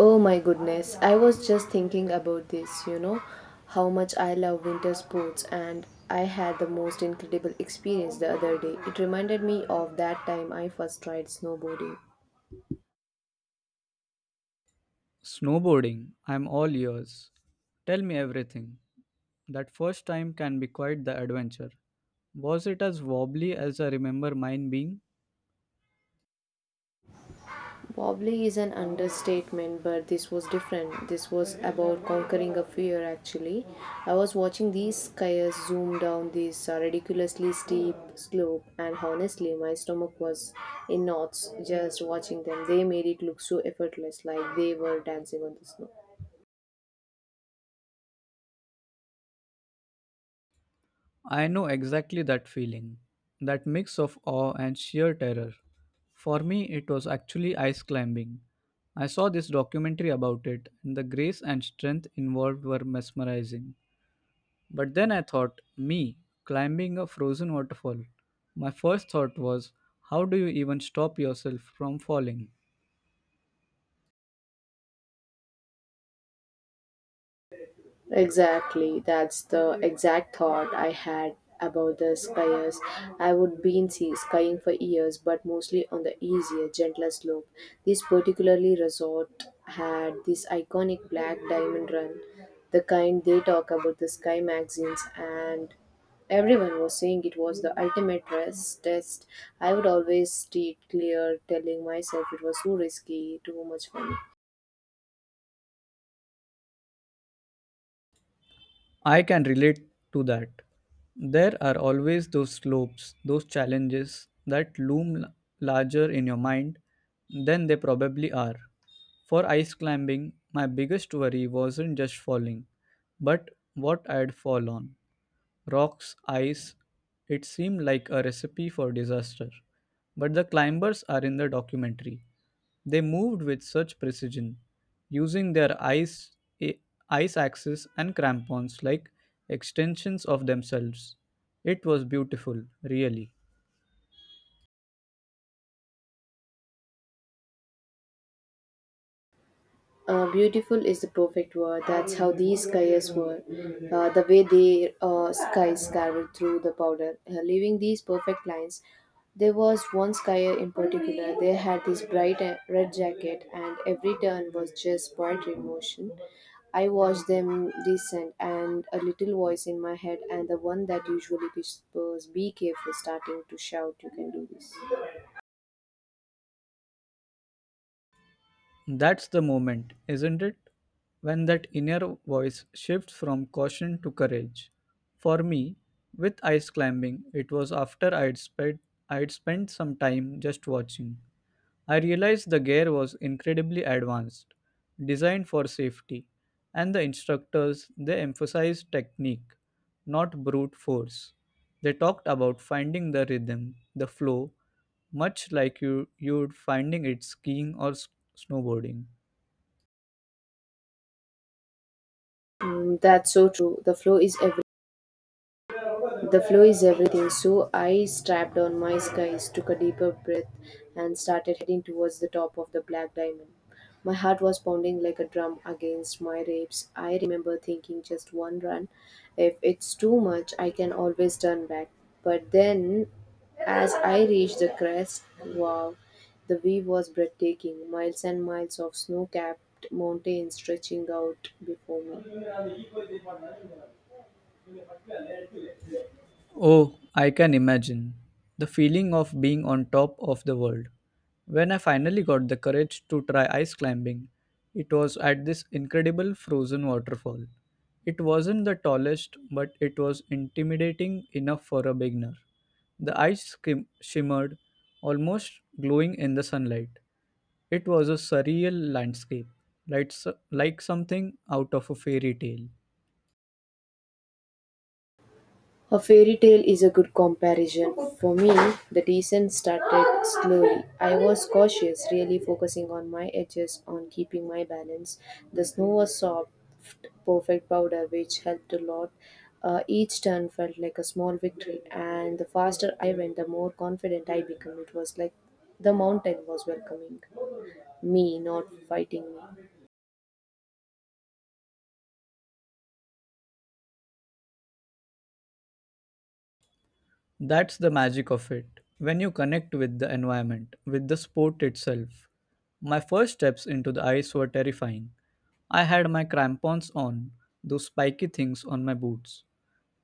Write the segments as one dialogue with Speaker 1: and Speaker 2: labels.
Speaker 1: Oh my goodness, I was just thinking about this, you know, how much I love winter sports, and I had the most incredible experience the other day. It reminded me of that time I first tried snowboarding.
Speaker 2: Snowboarding, I'm all ears. Tell me everything. That first time can be quite the adventure. Was it as wobbly as I remember mine being?
Speaker 1: Wobbly is an understatement, but this was different. This was about conquering a fear, actually. I was watching these skiers zoom down this ridiculously steep slope, and honestly, my stomach was in knots just watching them. They made it look so effortless, like they were dancing on the snow.
Speaker 2: I know exactly that feeling, that mix of awe and sheer terror. For me, it was actually ice climbing. I saw this documentary about it, and the grace and strength involved were mesmerizing. But then I thought, me climbing a frozen waterfall. My first thought was, how do you even stop yourself from falling?
Speaker 1: Exactly, that's the exact thought I had about the skiers. I would been see skiing for years, but mostly on the easier, gentler slope. This particularly resort had this iconic black diamond run, the kind they talk about the sky magazines, and everyone was saying it was the ultimate stress test. I would always steer clear, telling myself it was too risky, too much fun.
Speaker 2: I can relate to that. There are always those slopes, those challenges that larger in your mind than they probably are. For ice climbing, my biggest worry wasn't just falling, but what I'd fall on. Rocks, ice. It seemed like a recipe for disaster. But the climbers are in the documentary. They moved with such precision, using their a- ice axes and crampons like extensions of themselves. It was beautiful, really.
Speaker 1: Beautiful is the perfect word. That's how these skiers were. The way their skies carved through the powder, leaving these perfect lines. There was one skier in particular. They had this bright red jacket, and every turn was just poetry in motion. I watched them descend, and a little voice in my head, and the one that usually whispers, "Be careful," starting to shout, "You can do this."
Speaker 2: That's the moment, isn't it? When that inner voice shifts from caution to courage. For me, with ice climbing, it was after I'd spent some time just watching. I realized the gear was incredibly advanced, designed for safety, and the instructors they emphasized technique, not brute force. They talked about finding the rhythm, the flow, much like you'd finding it skiing or snowboarding.
Speaker 1: Mm, that's so true. The flow is everything. The flow is everything, so I strapped on my skies, took a deeper breath, and started heading towards the top of the black diamond. My heart was pounding like a drum against my ribs. I remember thinking just one run. If it's too much, I can always turn back. But then, as I reached the crest, wow, the view was breathtaking. Miles and miles of snow capped mountains stretching out before me.
Speaker 2: Oh, I can imagine. The feeling of being on top of the world. When I finally got the courage to try ice climbing, it was at this incredible frozen waterfall. It wasn't the tallest, but it was intimidating enough for a beginner. The shimmered, almost glowing in the sunlight. It was a surreal landscape, like, like something out of a fairy tale.
Speaker 1: A fairy tale is a good comparison. For me, the descent started slowly. I was cautious, really focusing on my edges, on keeping my balance. The snow was soft, perfect powder, which helped a lot. Each turn felt like a small victory, and the faster I went, the more confident I became. It was like the mountain was welcoming me, not fighting me.
Speaker 2: That's the magic of it. When you connect with the environment, with the sport itself. My first steps into the ice were terrifying. I had my crampons on, those spiky things on my boots,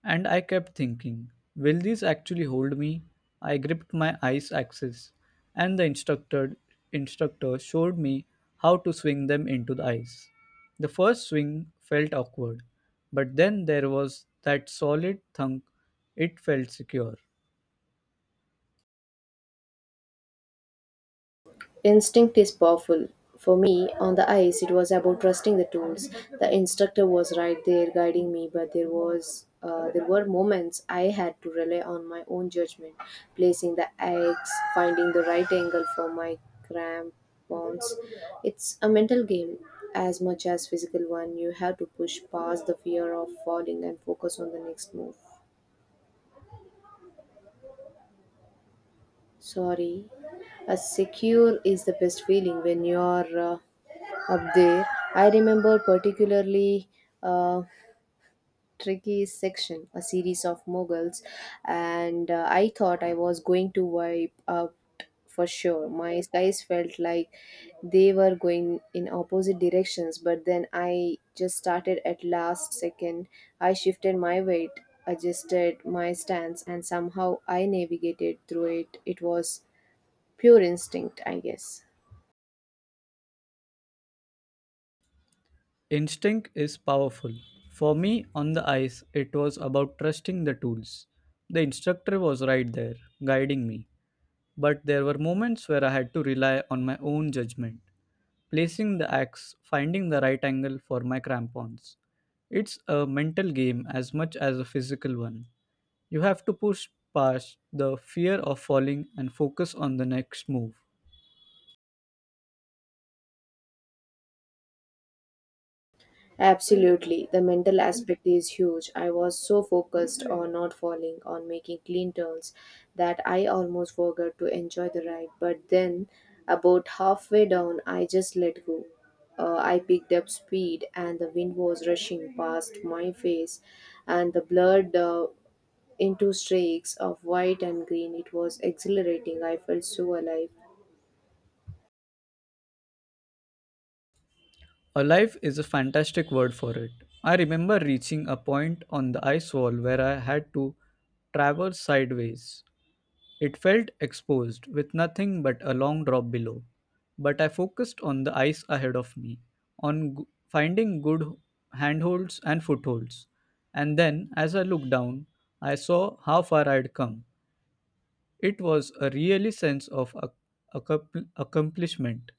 Speaker 2: and I kept thinking, will these actually hold me? I gripped my ice axes, and the instructor showed me how to swing them into the ice. The first swing felt awkward, but then there was that solid thunk. It felt secure.
Speaker 1: Instinct is powerful. For me, on the ice, it was about trusting the tools. The instructor was right there guiding me, but there were moments I had to rely on my own judgment, placing the eggs, finding the right angle for my crampons. It's a mental game as much as physical one. You have to push past the fear of falling and focus on the next move. Sorry, a secure is the best feeling when you're up there. I remember particularly uh, Tricky's section, a series of moguls, and I thought I was going to wipe out for sure. My skies felt like they were going in opposite directions, but then I just started at last second. I shifted my weight, adjusted my stance, and somehow I navigated through it. It was pure instinct, I guess.
Speaker 2: Instinct is powerful. For me, on the ice, it was about trusting the tools. The instructor was right there, guiding me. But there were moments where I had to rely on my own judgment, placing the axe, finding the right angle for my crampons. It's a mental game as much as a physical one. You have to push past the fear of falling and focus on the next move.
Speaker 1: Absolutely. The mental aspect is huge. I was so focused on not falling, on making clean turns, that I almost forgot to enjoy the ride. But then, about halfway down, I just let go. I picked up speed, and the wind was rushing past my face, and the blurred into streaks of white and green. It was exhilarating. I felt so alive.
Speaker 2: Alive is a fantastic word for it. I remember reaching a point on the ice wall where I had to traverse sideways. It felt exposed, with nothing but a long drop below. But I focused on the ice ahead of me, on finding good handholds and footholds. And then, as I looked down, I saw how far I'd come. It was a really sense of accomplishment.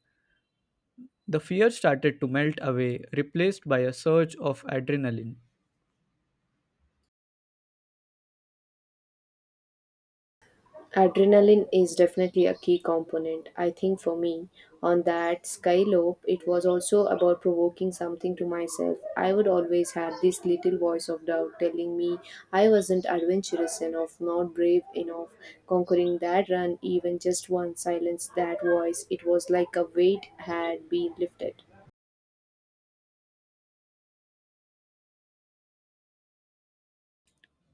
Speaker 2: The fear started to melt away, replaced by a surge of adrenaline.
Speaker 1: Adrenaline is definitely a key component. I think for me, on that skylope, it was also about provoking something to myself. I would always have this little voice of doubt telling me I wasn't adventurous enough, not brave enough. Conquering that run, even just one silence that voice, it was like a weight had been lifted.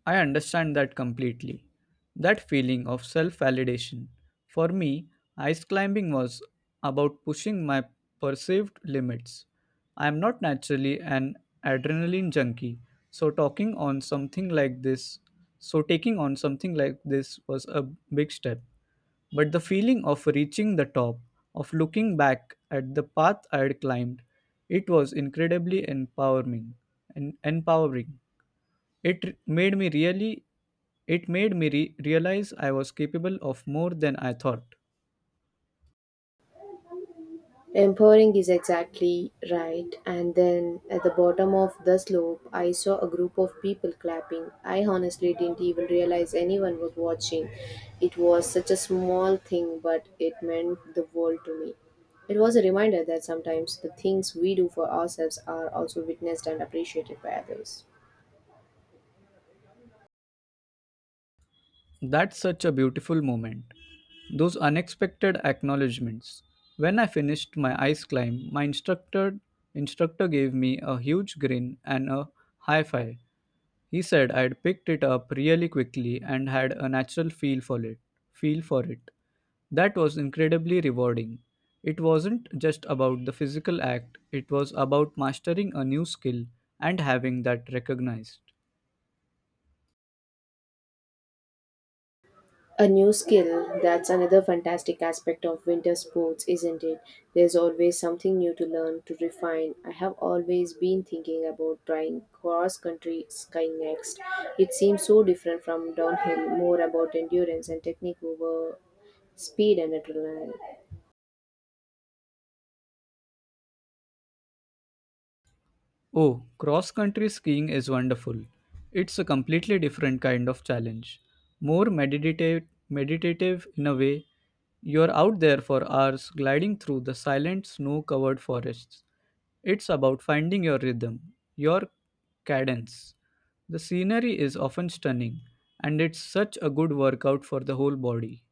Speaker 2: I understand that completely. That feeling of self validation. For me, ice climbing was about pushing my perceived limits. I am not naturally an adrenaline junkie, so talking on something like this, so taking on something like this was a big step. But the feeling of reaching the top, of looking back at the path I had climbed, it was incredibly empowering. And empowering. It r- made me really it made me re- realize I was capable of more than I thought.
Speaker 1: Empowering is exactly right. And then at the bottom of the slope, I saw a group of people clapping. I honestly didn't even realize anyone was watching. It was such a small thing, but it meant the world to me. It was a reminder that sometimes the things we do for ourselves are also witnessed and appreciated by others.
Speaker 2: That's such a beautiful moment. Those unexpected acknowledgments. When I finished my ice climb, my instructor gave me a huge grin and a high five. He said I'd picked it up really quickly and had a natural feel for it. Feel for it. That was incredibly rewarding. It wasn't just about the physical act, it was about mastering a new skill and having that recognized.
Speaker 1: A new skill, that's another fantastic aspect of winter sports, isn't it? There's always something new to learn, to refine. I have always been thinking about trying cross country skiing next. It seems so different from downhill, more about endurance and technique over speed and adrenaline.
Speaker 2: Oh, cross country skiing is wonderful. It's a completely different kind of challenge. More meditative in a way. You're out there for hours gliding through the silent snow covered forests. It's about finding your rhythm, your cadence. The scenery is often stunning, and it's such a good workout for the whole body.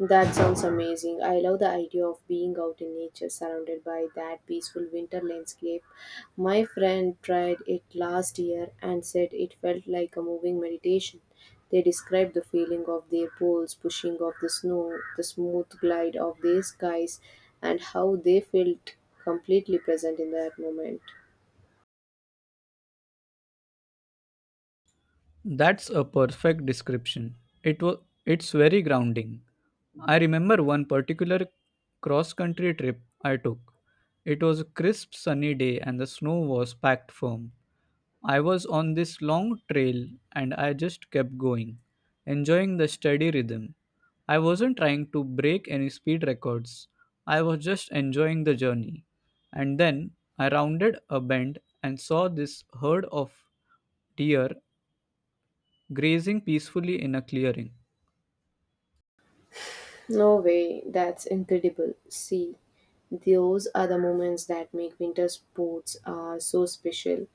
Speaker 1: That sounds amazing. I love the idea of being out in nature surrounded by that peaceful winter landscape. My friend tried it last year and said it felt like a moving meditation. They described the feeling of their poles pushing off the snow, the smooth glide of their skies, and how they felt completely present in that moment.
Speaker 2: That's a perfect description. It was it's very grounding. I remember one particular cross country trip I took. It was a crisp sunny day and the snow was packed firm. I was on this long trail and I just kept going, enjoying the steady rhythm. I wasn't trying to break any speed records. I was just enjoying the journey. And then I rounded a bend and saw this herd of deer grazing peacefully in a clearing.
Speaker 1: No way, that's incredible. See, those are the moments that make winter sports are so special.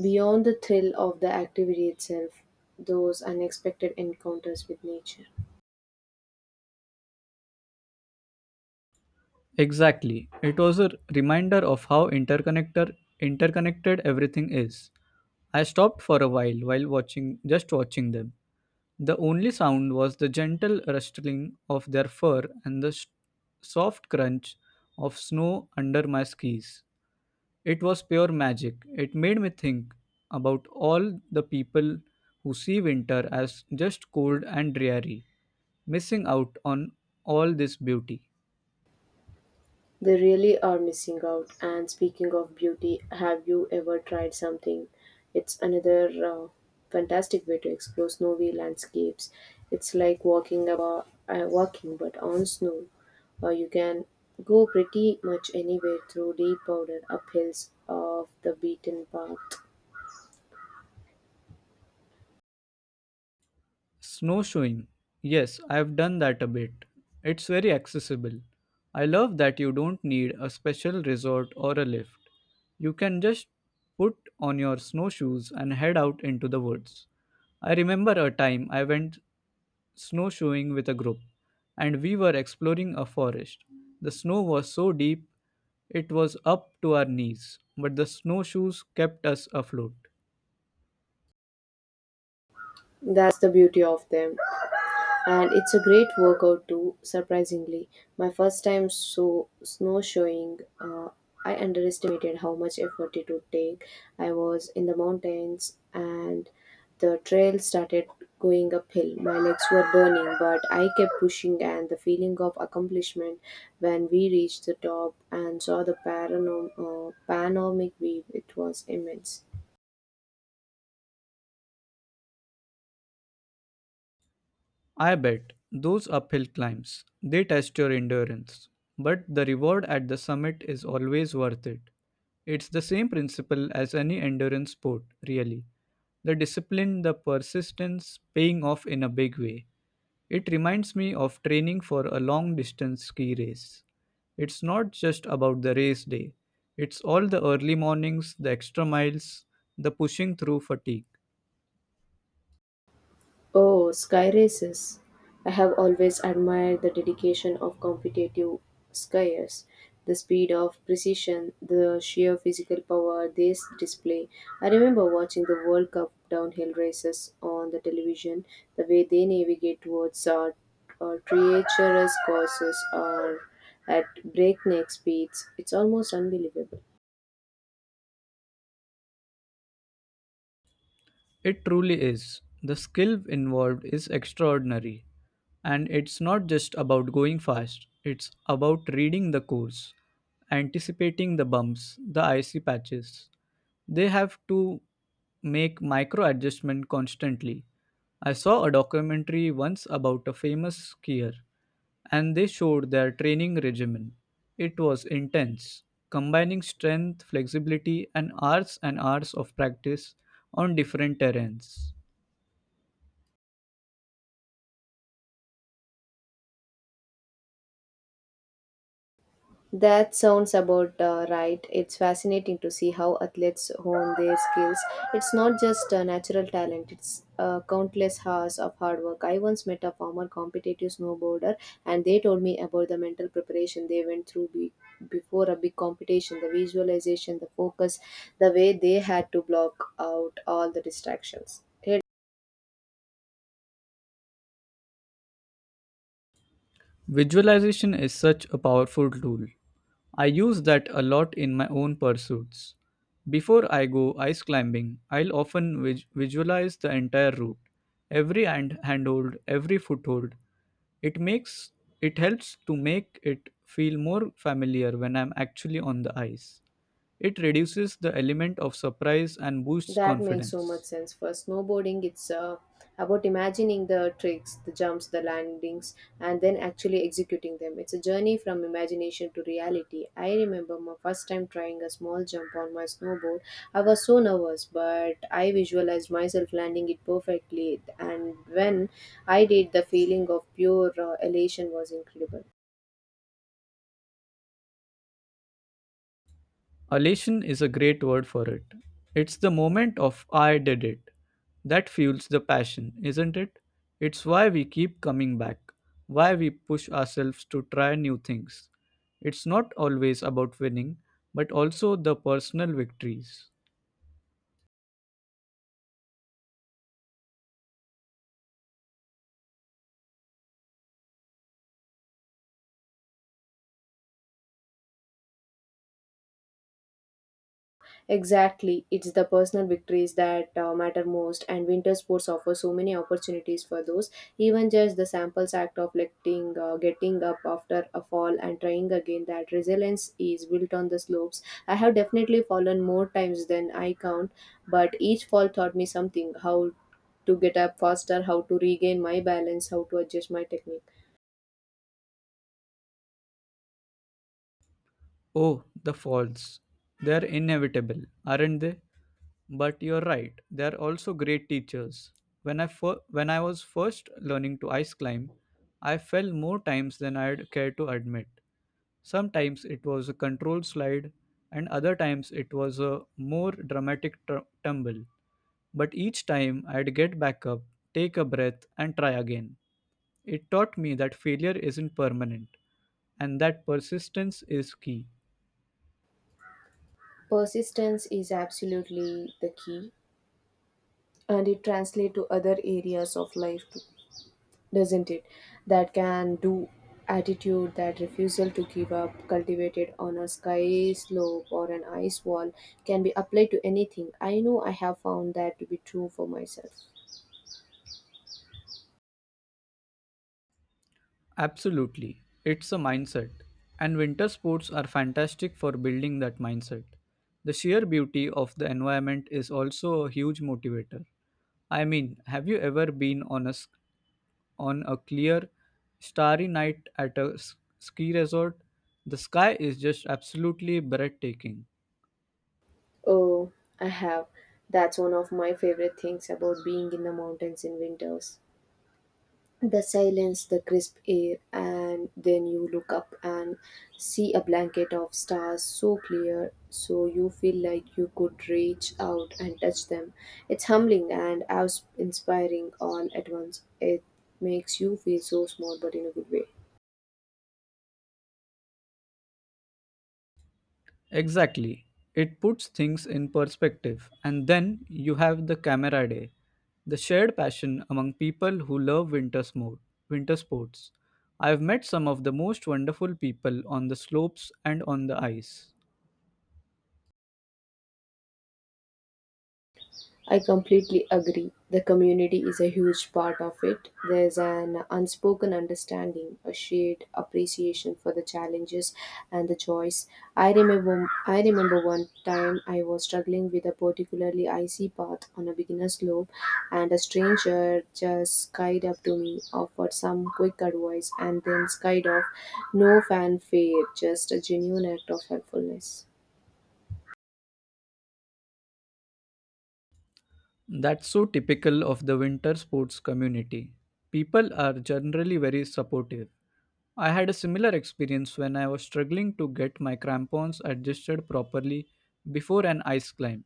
Speaker 1: Beyond the thrill of the activity itself, those unexpected encounters with nature,
Speaker 2: Exactly. It was a reminder of how interconnected everything is. I stopped for a while, watching them. The only sound was the gentle rustling of their fur and the s soft crunch of snow under my skis. It was pure magic. It made me think about all the people who see winter as just cold and dreary, missing out on all this beauty.
Speaker 1: they really are missing out. And speaking of beauty, have you ever tried something? It's another fantastic way to explore snowy landscapes. It's like walking about, walking but on snow. You can go pretty much anywhere through deep powder, up hills of the beaten path.
Speaker 2: Snowshoeing. Yes, I've done that a bit. It's very accessible. I love that you don't need a special resort or a lift. You can just put on your snowshoes and head out into the woods. I remember a time I went snowshoeing with a group, and we were exploring a forest. The snow was so deep it was up to our knees, but the snowshoes kept us afloat.
Speaker 1: That's the beauty of them. And it's a great workout too, surprisingly. My first time so snowshoeing, I underestimated how much effort it would take. I was in the mountains, and the trail started going uphill. My legs were burning, but I kept pushing, and the feeling of accomplishment when we reached the top and saw the panoramic view, it was immense.
Speaker 2: I bet those uphill climbs, they test your endurance, but the reward at the summit is always worth it. It's the same principle as any endurance sport, really. The discipline, the persistence paying off in a big way. It reminds me of training for a long distance ski race. It's not just about the race day, it's all the early mornings, the extra miles, the pushing through fatigue.
Speaker 1: Oh, sky races. I have always admired the dedication of competitive skiers. The speed of precision, the sheer physical power they display. I remember watching the World Cup downhill races on the television. The way they navigate towards treacherous courses or at breakneck speeds, it's almost unbelievable.
Speaker 2: It truly is. The skill involved is extraordinary. And it's not just about going fast, it's about reading the course, anticipating the bumps, the icy patches. They have to make micro adjustment constantly. I saw a documentary once about a famous skier and they showed their training regimen. It was intense, combining strength, flexibility, and hours of practice on different terrains.
Speaker 1: That sounds about right. It's fascinating to see how athletes hone their skills. It's not just natural talent, it's countless hours of hard work. I once met a former competitive snowboarder, and they told me about the mental preparation they went through before a big competition, the visualization, the focus, the way they had to block out all the distractions. Hey,
Speaker 2: Visualization is such a powerful tool. I use that a lot in my own pursuits. Before I go ice climbing, I'll often visualize the entire route, every handhold, every foothold. It makes it helps to make it feel more familiar when I'm actually on the ice. It reduces the element of surprise and boosts
Speaker 1: that makes so much
Speaker 2: confidence.
Speaker 1: sense. For snowboarding, it's about imagining the tricks, the jumps, the landings, and then actually executing them. It's a journey from imagination to reality. I remember my first time trying a small jump on my snowboard. I was so nervous, but I visualized myself landing it perfectly. And when I did, the feeling of pure elation was incredible.
Speaker 2: Elation is a great word for it. It's the moment of I did it. That fuels the passion, isn't it? It's why we keep coming back, why we push ourselves to try new things. It's not always about winning, but also the personal victories.
Speaker 1: Exactly. It's the personal victories that matter most, and winter sports offer so many opportunities for those. Even just the samples act of getting up after a fall and trying again, that resilience is built on the slopes. I have definitely fallen more times than I count, but each fall taught me something: how to get up faster, how to regain my balance, how to adjust my technique.
Speaker 2: Oh, the falls. They're inevitable, aren't they? But you're right, they're also great teachers. When I was first learning to ice climb, I fell more times than I'd care to admit. Sometimes it was a controlled slide, and other times it was a more dramatic tumble. But each time I'd get back up, take a breath, and try again. It taught me that failure isn't permanent and that persistence is key.
Speaker 1: Persistence is absolutely the key, and it translates to other areas of life too, doesn't it? That can do attitude, that refusal to give up, cultivated on a sky slope or an ice wall, can be applied to anything. I know I have found that to be true for myself.
Speaker 2: Absolutely, it's a mindset. And winter sports are fantastic for building that mindset. The sheer beauty of the environment is also a huge motivator. I mean, have you ever been on on a clear, starry night at a ski resort, the sky is just absolutely breathtaking.
Speaker 1: Oh, I have. That's one of my favorite things about being in the mountains in winters. The silence, the crisp air, and then you look up and see a blanket of stars so clear, so you feel like you could reach out and touch them. It's humbling and awe inspiring all at once. It makes you feel so small, but in a good way.
Speaker 2: Exactly. It puts things in perspective. And then you have the camera day, the shared passion among people who love winter sports. I've met some of the most wonderful people on the slopes and on the ice.
Speaker 1: I completely agree. The community is a huge part of it. There's an unspoken understanding, a shared appreciation for the challenges and the joys. I remember one time I was struggling with a particularly icy path on a beginner slope, and a stranger just skied up to me, offered some quick advice and then skied off. No fanfare, just a genuine act of helpfulness.
Speaker 2: That's so typical of the winter sports community. People are generally very supportive. I had a similar experience when I was struggling to get my crampons adjusted properly before an ice climb.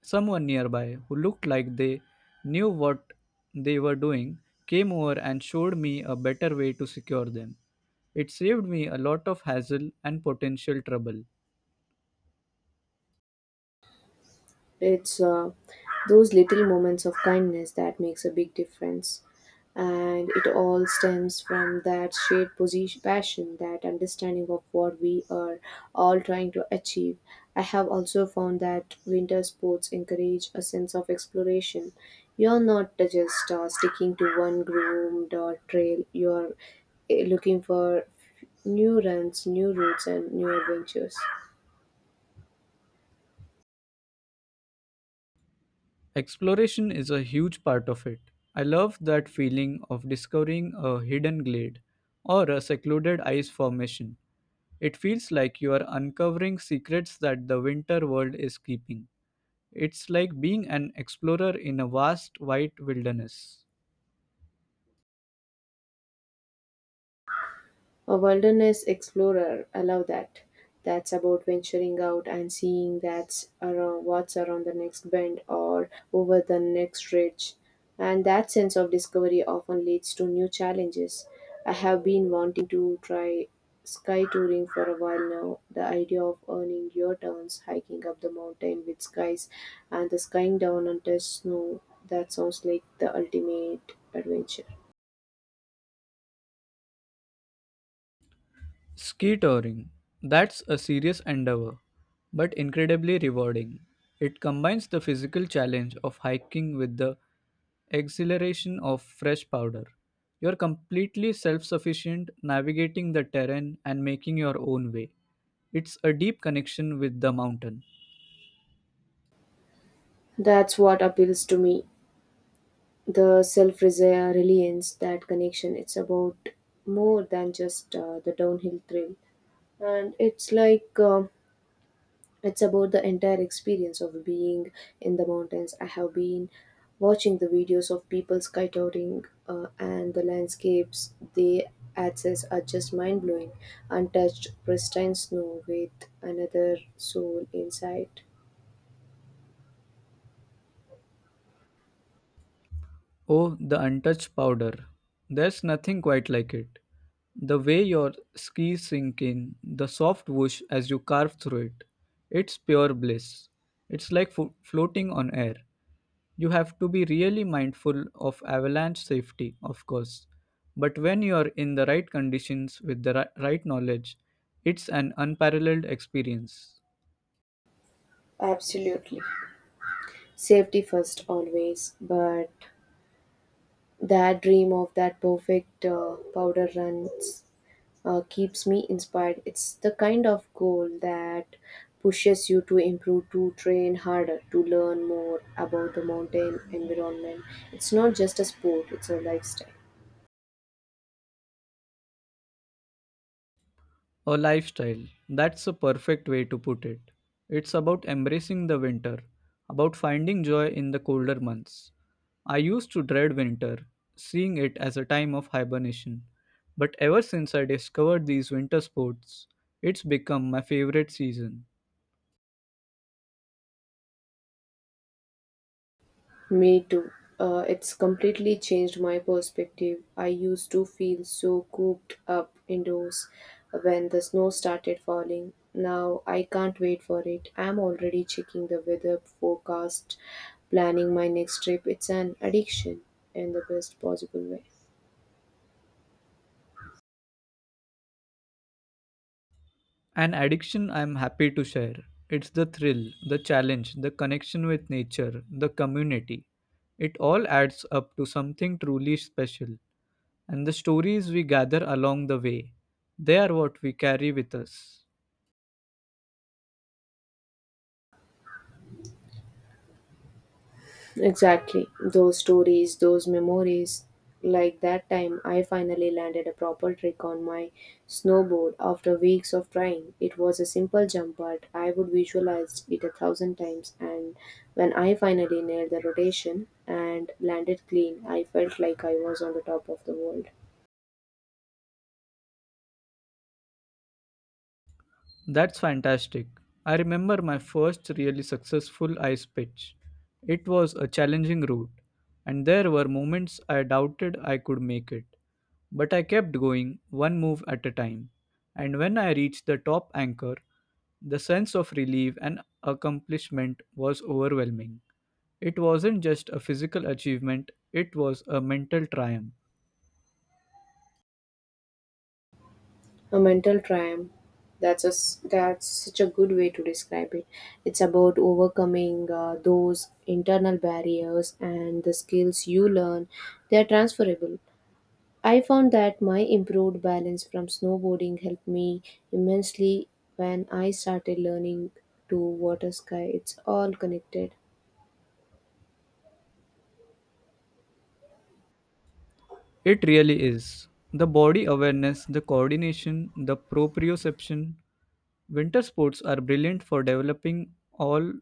Speaker 2: Someone nearby, who looked like they knew what they were doing, came over and showed me a better way to secure them. It saved me a lot of hassle and potential trouble.
Speaker 1: It's those little moments of kindness that makes a big difference. And it all stems from that shared position, passion, that understanding of what we are all trying to achieve. I have also found that winter sports encourage a sense of exploration. You're not just sticking to one groomed or trail, you're looking for new runs, new routes, and new adventures.
Speaker 2: Exploration is a huge part of it. I love that feeling of discovering a hidden glade or a secluded ice formation. It feels like you are uncovering secrets that the winter world is keeping. It's like being an explorer in a vast white wilderness.
Speaker 1: A wilderness explorer, allow that. That's about venturing out and seeing that's around what's around the next bend or over the next ridge. And that sense of discovery often leads to new challenges. I have been wanting to try sky touring for a while now. The idea of earning your turns hiking up the mountain with skies and the skying down on test snow, that sounds like the ultimate adventure.
Speaker 2: Ski touring. That's a serious endeavor, but incredibly rewarding. It combines the physical challenge of hiking with the exhilaration of fresh powder. You're completely self sufficient, navigating the terrain and making your own way. It's a deep connection with the mountain.
Speaker 1: That's what appeals to me. The self reliance, that connection, it's about more than just the downhill thrill. And it's like it's about the entire experience of being in the mountains. I have been watching the videos of people skydiving, and the landscapes they access are just mind blowing. Untouched, pristine snow with another soul inside.
Speaker 2: Oh, the untouched powder. There's nothing quite like it. The way your skis sink in, the soft whoosh as you carve through it. It's pure bliss. It's like floating on air. You have to be really mindful of avalanche safety, of course. But when you're in the right conditions with the right knowledge, it's an unparalleled experience.
Speaker 1: Absolutely. Safety first, always, but that dream of that perfect powder runs keeps me inspired. It's the kind of goal that pushes you to improve, to train harder, to learn more about the mountain environment. It's not just a sport, it's a lifestyle.
Speaker 2: A lifestyle. That's a perfect way to put it. It's about embracing the winter, about finding joy in the colder months. I used to dread winter, seeing it as a time of hibernation. But ever since I discovered these winter sports, it's become my favorite season.
Speaker 1: Me too. It's completely changed my perspective. I used to feel so cooped up indoors when the snow started falling. Now I can't wait for it. I'm already checking the weather forecast, planning my next trip. It's an addiction in the best possible way.
Speaker 2: An addiction I'm happy to share. It's the thrill, the challenge, the connection with nature, the community. It all adds up to something truly special, and the stories we gather along the way. They are what we carry with us.
Speaker 1: Exactly. Those stories, those memories. Like that time, I finally landed a proper trick on my snowboard after weeks of trying. It was a simple jump, but I would visualize it a thousand times. And when I finally nailed the rotation and landed clean, I felt like I was on the top of the world.
Speaker 2: That's fantastic. I remember my first really successful ice pitch. It was a challenging route, and there were moments I doubted I could make it. But I kept going, one move at a time. And when I reached the top anchor, the sense of relief and accomplishment was overwhelming. It wasn't just a physical achievement, it was a mental triumph.
Speaker 1: A mental triumph. That's such a good way to describe it. It's about overcoming those internal barriers, and the skills you learn, they are transferable. I found that my improved balance from snowboarding helped me immensely when I started learning to water sky. It's all connected.
Speaker 2: It really is. The body awareness, the coordination, the proprioception. Winter sports are brilliant for developing all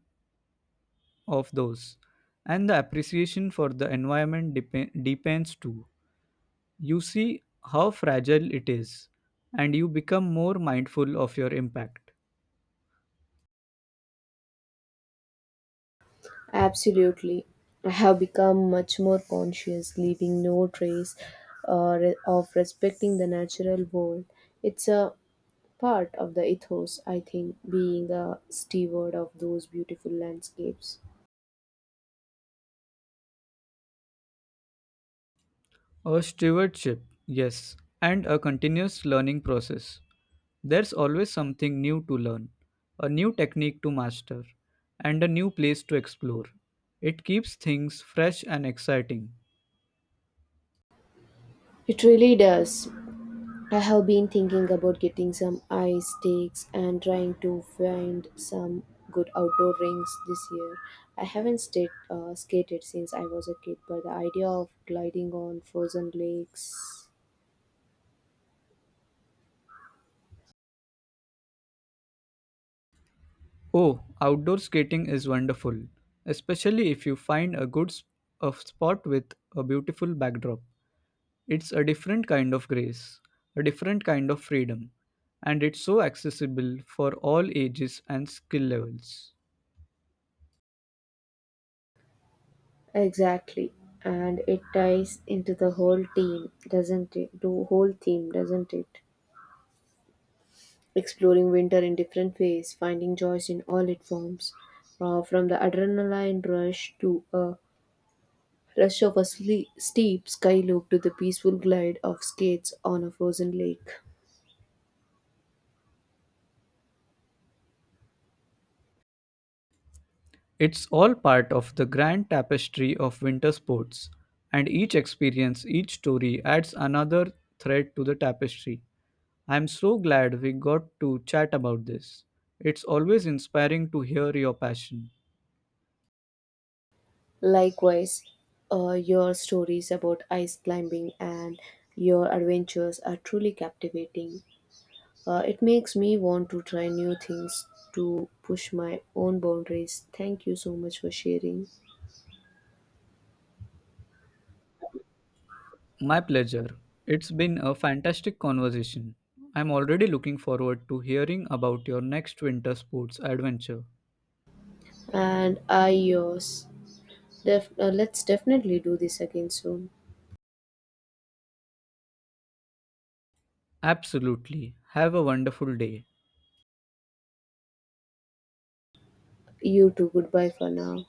Speaker 2: of those. And the appreciation for the environment depends too. You see how fragile it is, and you become more mindful of your impact.
Speaker 1: Absolutely. I have become much more conscious, leaving no trace, of respecting the natural world. It's a part of the ethos, I think, being the steward of those beautiful landscapes.
Speaker 2: A stewardship, yes, and a continuous learning process. There's always something new to learn, a new technique to master, and a new place to explore. It keeps things fresh and exciting.
Speaker 1: It really does. I have been thinking about getting some ice sticks and trying to find some good outdoor rinks this year. I haven't stayed, skated since I was a kid, but the idea of gliding on frozen lakes.
Speaker 2: Oh, outdoor skating is wonderful, especially if you find a good a spot with a beautiful backdrop. It's a different kind of grace, a different kind of freedom, and it's so accessible for all ages and skill levels.
Speaker 1: Exactly. And it ties into the whole theme, doesn't it? The whole theme, doesn't it? Exploring winter in different ways, finding joys in all its forms, from the adrenaline rush to a rush of a steep sky loop, to the peaceful glide of skates on a frozen lake.
Speaker 2: It's all part of the grand tapestry of winter sports, and each experience, each story adds another thread to the tapestry. I'm so glad we got to chat about this. It's always inspiring to hear your passion.
Speaker 1: Likewise, your stories about ice climbing and your adventures are truly captivating. It makes me want to try new things, to push my own boundaries. Thank you so much for sharing.
Speaker 2: My pleasure. It's been a fantastic conversation. I'm already looking forward to hearing about your next winter sports adventure.
Speaker 1: And I yours. Let's definitely do this again soon.
Speaker 2: Absolutely. Have a wonderful day.
Speaker 1: You too, goodbye for now.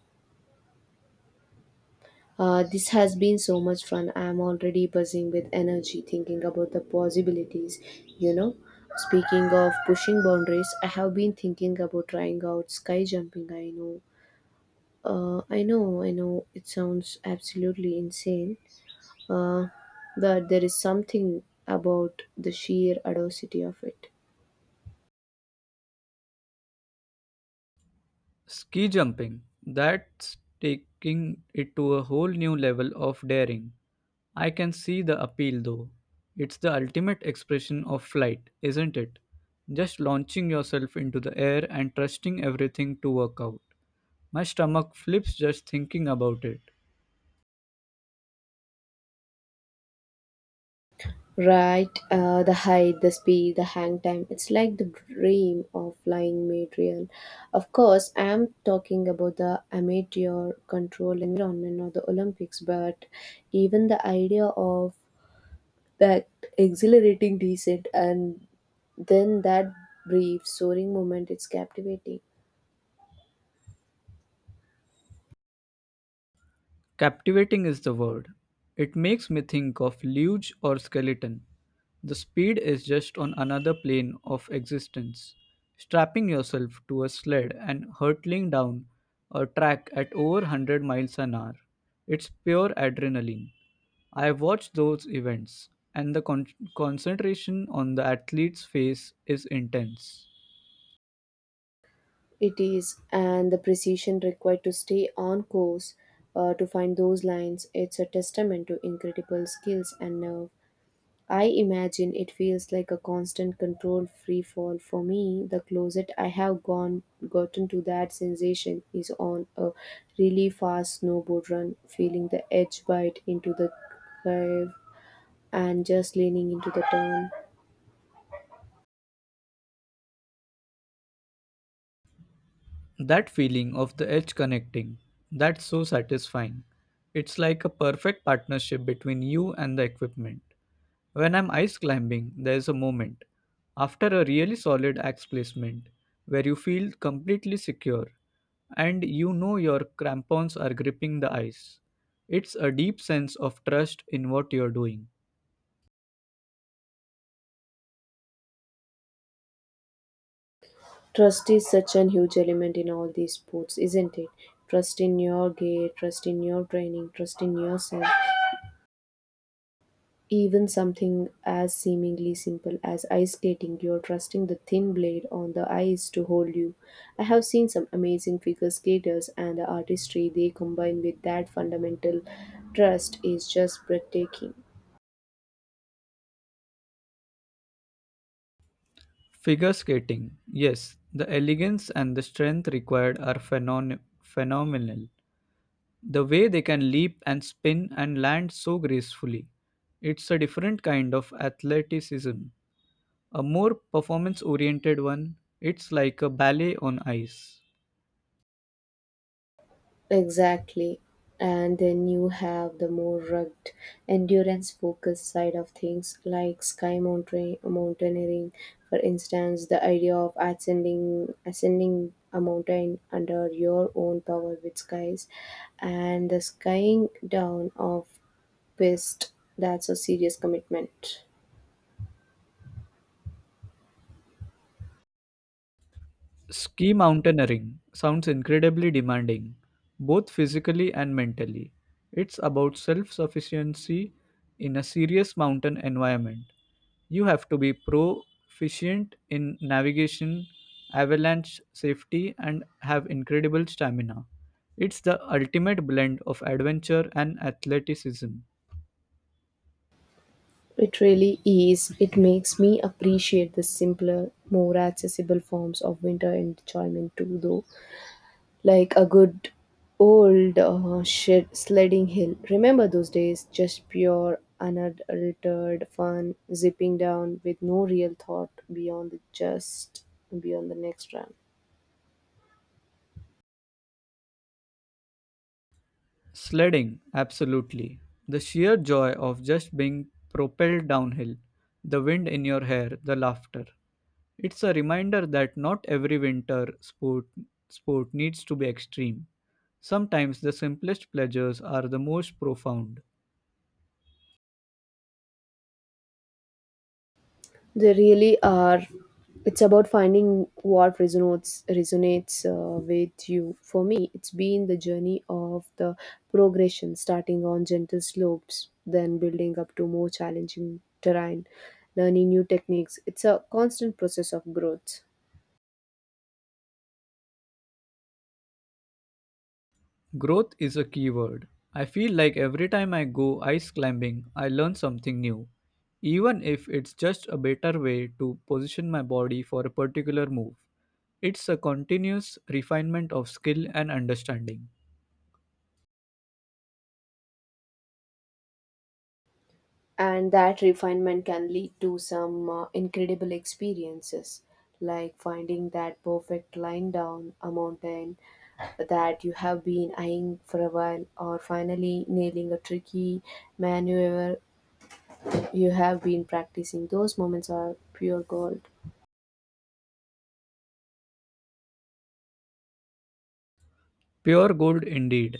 Speaker 1: This has been so much fun. I'm already buzzing with energy thinking about the possibilities. You know, speaking of pushing boundaries, I have been thinking about trying out sky jumping. I know, I know, I know, it sounds absolutely insane, uh, but there is something about the sheer audacity of it.
Speaker 2: Ski jumping. That's taking it to a whole new level of daring. I can see the appeal though. It's the ultimate expression of flight, isn't it? Just launching yourself into the air and trusting everything to work out. My stomach flips just thinking about it.
Speaker 1: Right, the height, the speed, the hang time. It's like the dream of flying made real. Of course, I'm talking about the amateur control environment or the Olympics, but even the idea of that exhilarating descent, and then that brief soaring moment, it's captivating.
Speaker 2: Captivating is the word. It makes me think of luge or skeleton. The speed is just on another plane of existence. Strapping yourself to a sled and hurtling down a track at over 100 miles an hour. It's pure adrenaline. I watch those events, and the concentration on the athlete's face is intense.
Speaker 1: It is, and the precision required to stay on course, to find those lines, it's a testament to incredible skills and nerve. I imagine it feels like a constant controlled free fall. For me, the closet I have gone gotten to that sensation is on a really fast snowboard run, feeling the edge bite into the curve and just leaning into the turn.
Speaker 2: That feeling of the edge connecting, that's so satisfying. It's like a perfect partnership between you and the equipment. When I'm ice climbing, there's a moment, after a really solid axe placement, where you feel completely secure and you know your crampons are gripping the ice. It's a deep sense of trust in what you're doing.
Speaker 1: Trust is such an huge element in all these sports, isn't it? Trust in your gear, trust in your training, trust in yourself. Even something as seemingly simple as ice skating, you're trusting the thin blade on the ice to hold you. I have seen some amazing figure skaters, and the artistry they combine with that fundamental trust is just breathtaking.
Speaker 2: Figure skating, yes, the elegance and the strength required are phenomenal. The way they can leap and spin and land so gracefully. It's a different kind of athleticism, a more performance oriented one. It's like a ballet on ice.
Speaker 1: Exactly. And then you have the more rugged, endurance focused side of things, like sky mountain, mountaineering, for instance, the idea of ascending a mountain under your own power with skies, and the skying down of pist. That's a serious commitment.
Speaker 2: Ski mountaineering sounds incredibly demanding, both physically and mentally. It's about self sufficiency in a serious mountain environment. You have to be proficient in navigation, avalanche safety, and have incredible stamina. It's the ultimate blend of adventure and athleticism.
Speaker 1: It really is. It makes me appreciate the simpler, more accessible forms of winter enjoyment too, though. Like a good old shed sledding hill. Remember those days? Just pure, unadulterated fun, zipping down with no real thought beyond the next run.
Speaker 2: Sledding, absolutely. The sheer joy of just being propelled downhill, the wind in your hair, the laughter. It's a reminder that not every winter sport needs to be extreme. Sometimes the simplest pleasures are the most profound.
Speaker 1: They really are. It's about finding what resonates with you. For me, it's been the journey of the progression, starting on gentle slopes, then building up to more challenging terrain, learning new techniques. It's a constant process of growth.
Speaker 2: Growth is a key word. I feel like every time I go ice climbing, I learn something new, even if it's just a better way to position my body for a particular move. It's a continuous refinement of skill and understanding.
Speaker 1: And that refinement can lead to some incredible experiences, like finding that perfect line down a mountain that you have been eyeing for a while, or finally nailing a tricky maneuver you have been practicing. Those moments are pure gold.
Speaker 2: Pure gold indeed.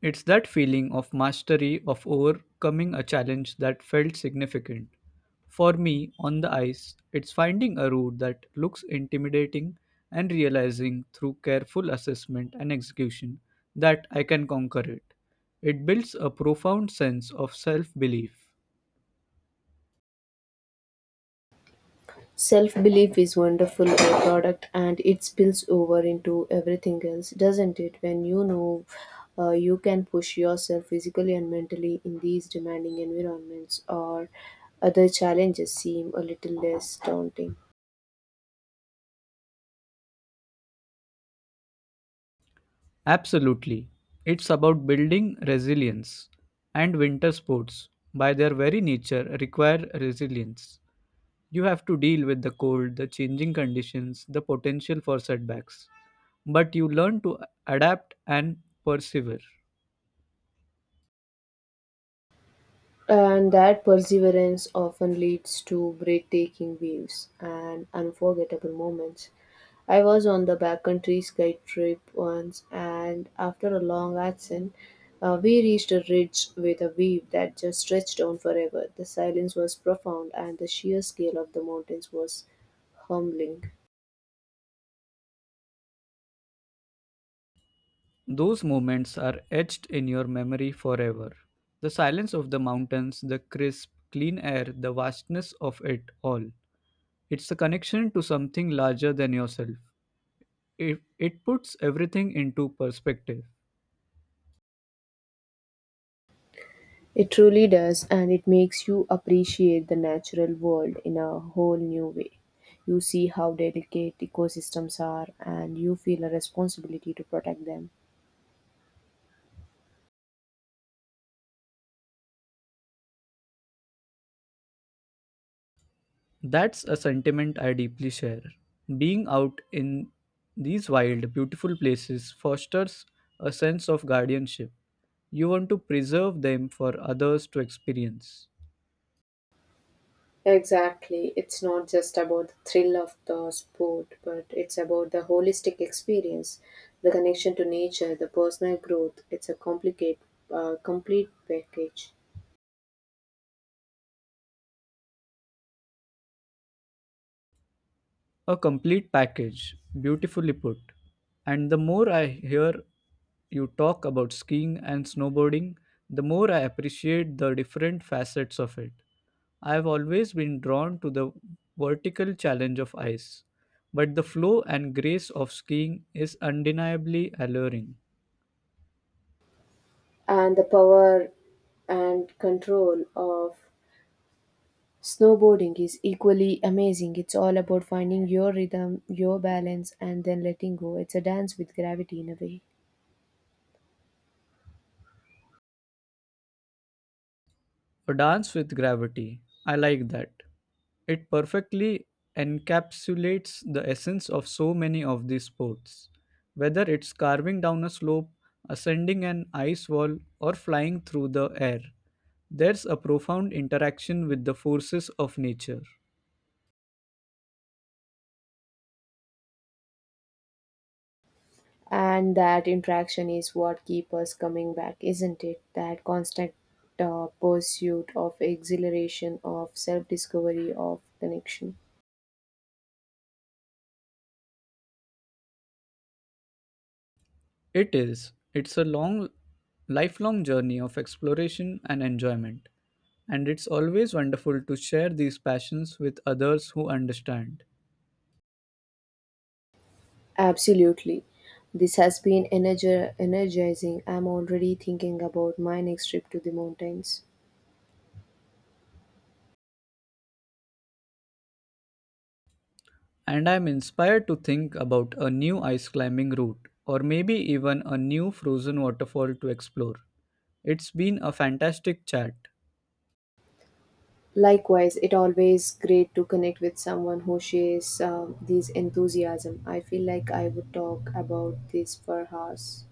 Speaker 2: It's that feeling of mastery of overcoming a challenge that felt significant. For me, on the ice, it's finding a route that looks intimidating and realizing through careful assessment and execution that I can conquer it. It builds a profound sense of self belief.
Speaker 1: Self belief is wonderful a product, and it spills over into everything else, doesn't it? When you know you can push yourself physically and mentally in these demanding environments, or other challenges seem a little less daunting.
Speaker 2: Absolutely. It's about building resilience, and winter sports, by their very nature, require resilience. You have to deal with the cold, the changing conditions, the potential for setbacks. But you learn to adapt and persevere.
Speaker 1: And that perseverance often leads to breathtaking views and unforgettable moments. I was on the backcountry ski trip once, and after a long ascent, we reached a ridge with a view that just stretched on forever. The silence was profound, and the sheer scale of the mountains was humbling.
Speaker 2: Those moments are etched in your memory forever. The silence of the mountains, the crisp, clean air, the vastness of it all. It's a connection to something larger than yourself. It puts everything into perspective.
Speaker 1: It truly does, and it makes you appreciate the natural world in a whole new way. You see how delicate ecosystems are, and you feel a responsibility to protect them.
Speaker 2: That's a sentiment I deeply share. Being out in these wild, beautiful places fosters a sense of guardianship. You want to preserve them for others to experience.
Speaker 1: Exactly. It's not just about the thrill of the sport, but it's about the holistic experience, the connection to nature, the personal growth. It's a complicated, complete package.
Speaker 2: A complete package, beautifully put. And the more I hear you talk about skiing and snowboarding, the more I appreciate the different facets of it. I have always been drawn to the vertical challenge of ice, but the flow and grace of skiing is undeniably alluring.
Speaker 1: And the power and control of snowboarding is equally amazing. It's all about finding your rhythm, your balance, and then letting go. It's a dance with gravity in a way.
Speaker 2: A dance with gravity. I like that. It perfectly encapsulates the essence of so many of these sports. Whether it's carving down a slope, ascending an ice wall, or flying through the air, there's a profound interaction with the forces of nature.
Speaker 1: And that interaction is what keeps us coming back, isn't it? That constant pursuit of exhilaration, of self discovery, of connection.
Speaker 2: It is. It's a long, lifelong journey of exploration and enjoyment, and it's always wonderful to share these passions with others who understand.
Speaker 1: Absolutely. This has been energizing. I'm already thinking about my next trip to the mountains.
Speaker 2: And I'm inspired to think about a new ice climbing route, or maybe even a new frozen waterfall to explore. It's been a fantastic chat.
Speaker 1: Likewise, it always great to connect with someone who shares these enthusiasm. I feel like I would talk about this for hours.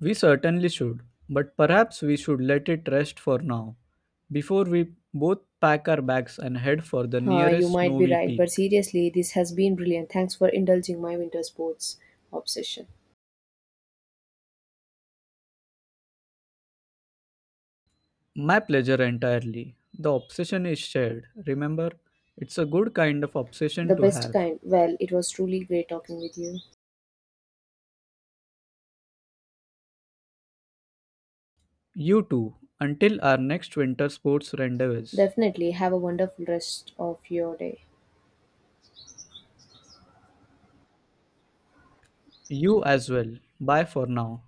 Speaker 2: We certainly should, but perhaps we should let it rest for now, before we both pack our bags and head for the
Speaker 1: Huh, you
Speaker 2: nearest
Speaker 1: might be
Speaker 2: snowy
Speaker 1: right,
Speaker 2: peak.
Speaker 1: but seriously, this has been brilliant. Thanks for indulging my winter sports obsession.
Speaker 2: My pleasure entirely. The obsession is shared, remember? It's a good kind of
Speaker 1: The
Speaker 2: obsession to
Speaker 1: best
Speaker 2: have.
Speaker 1: kind. Well, it was truly great talking with you.
Speaker 2: You too, until our next winter sports rendezvous.
Speaker 1: Definitely have a wonderful rest of your day.
Speaker 2: You as well. Bye for now.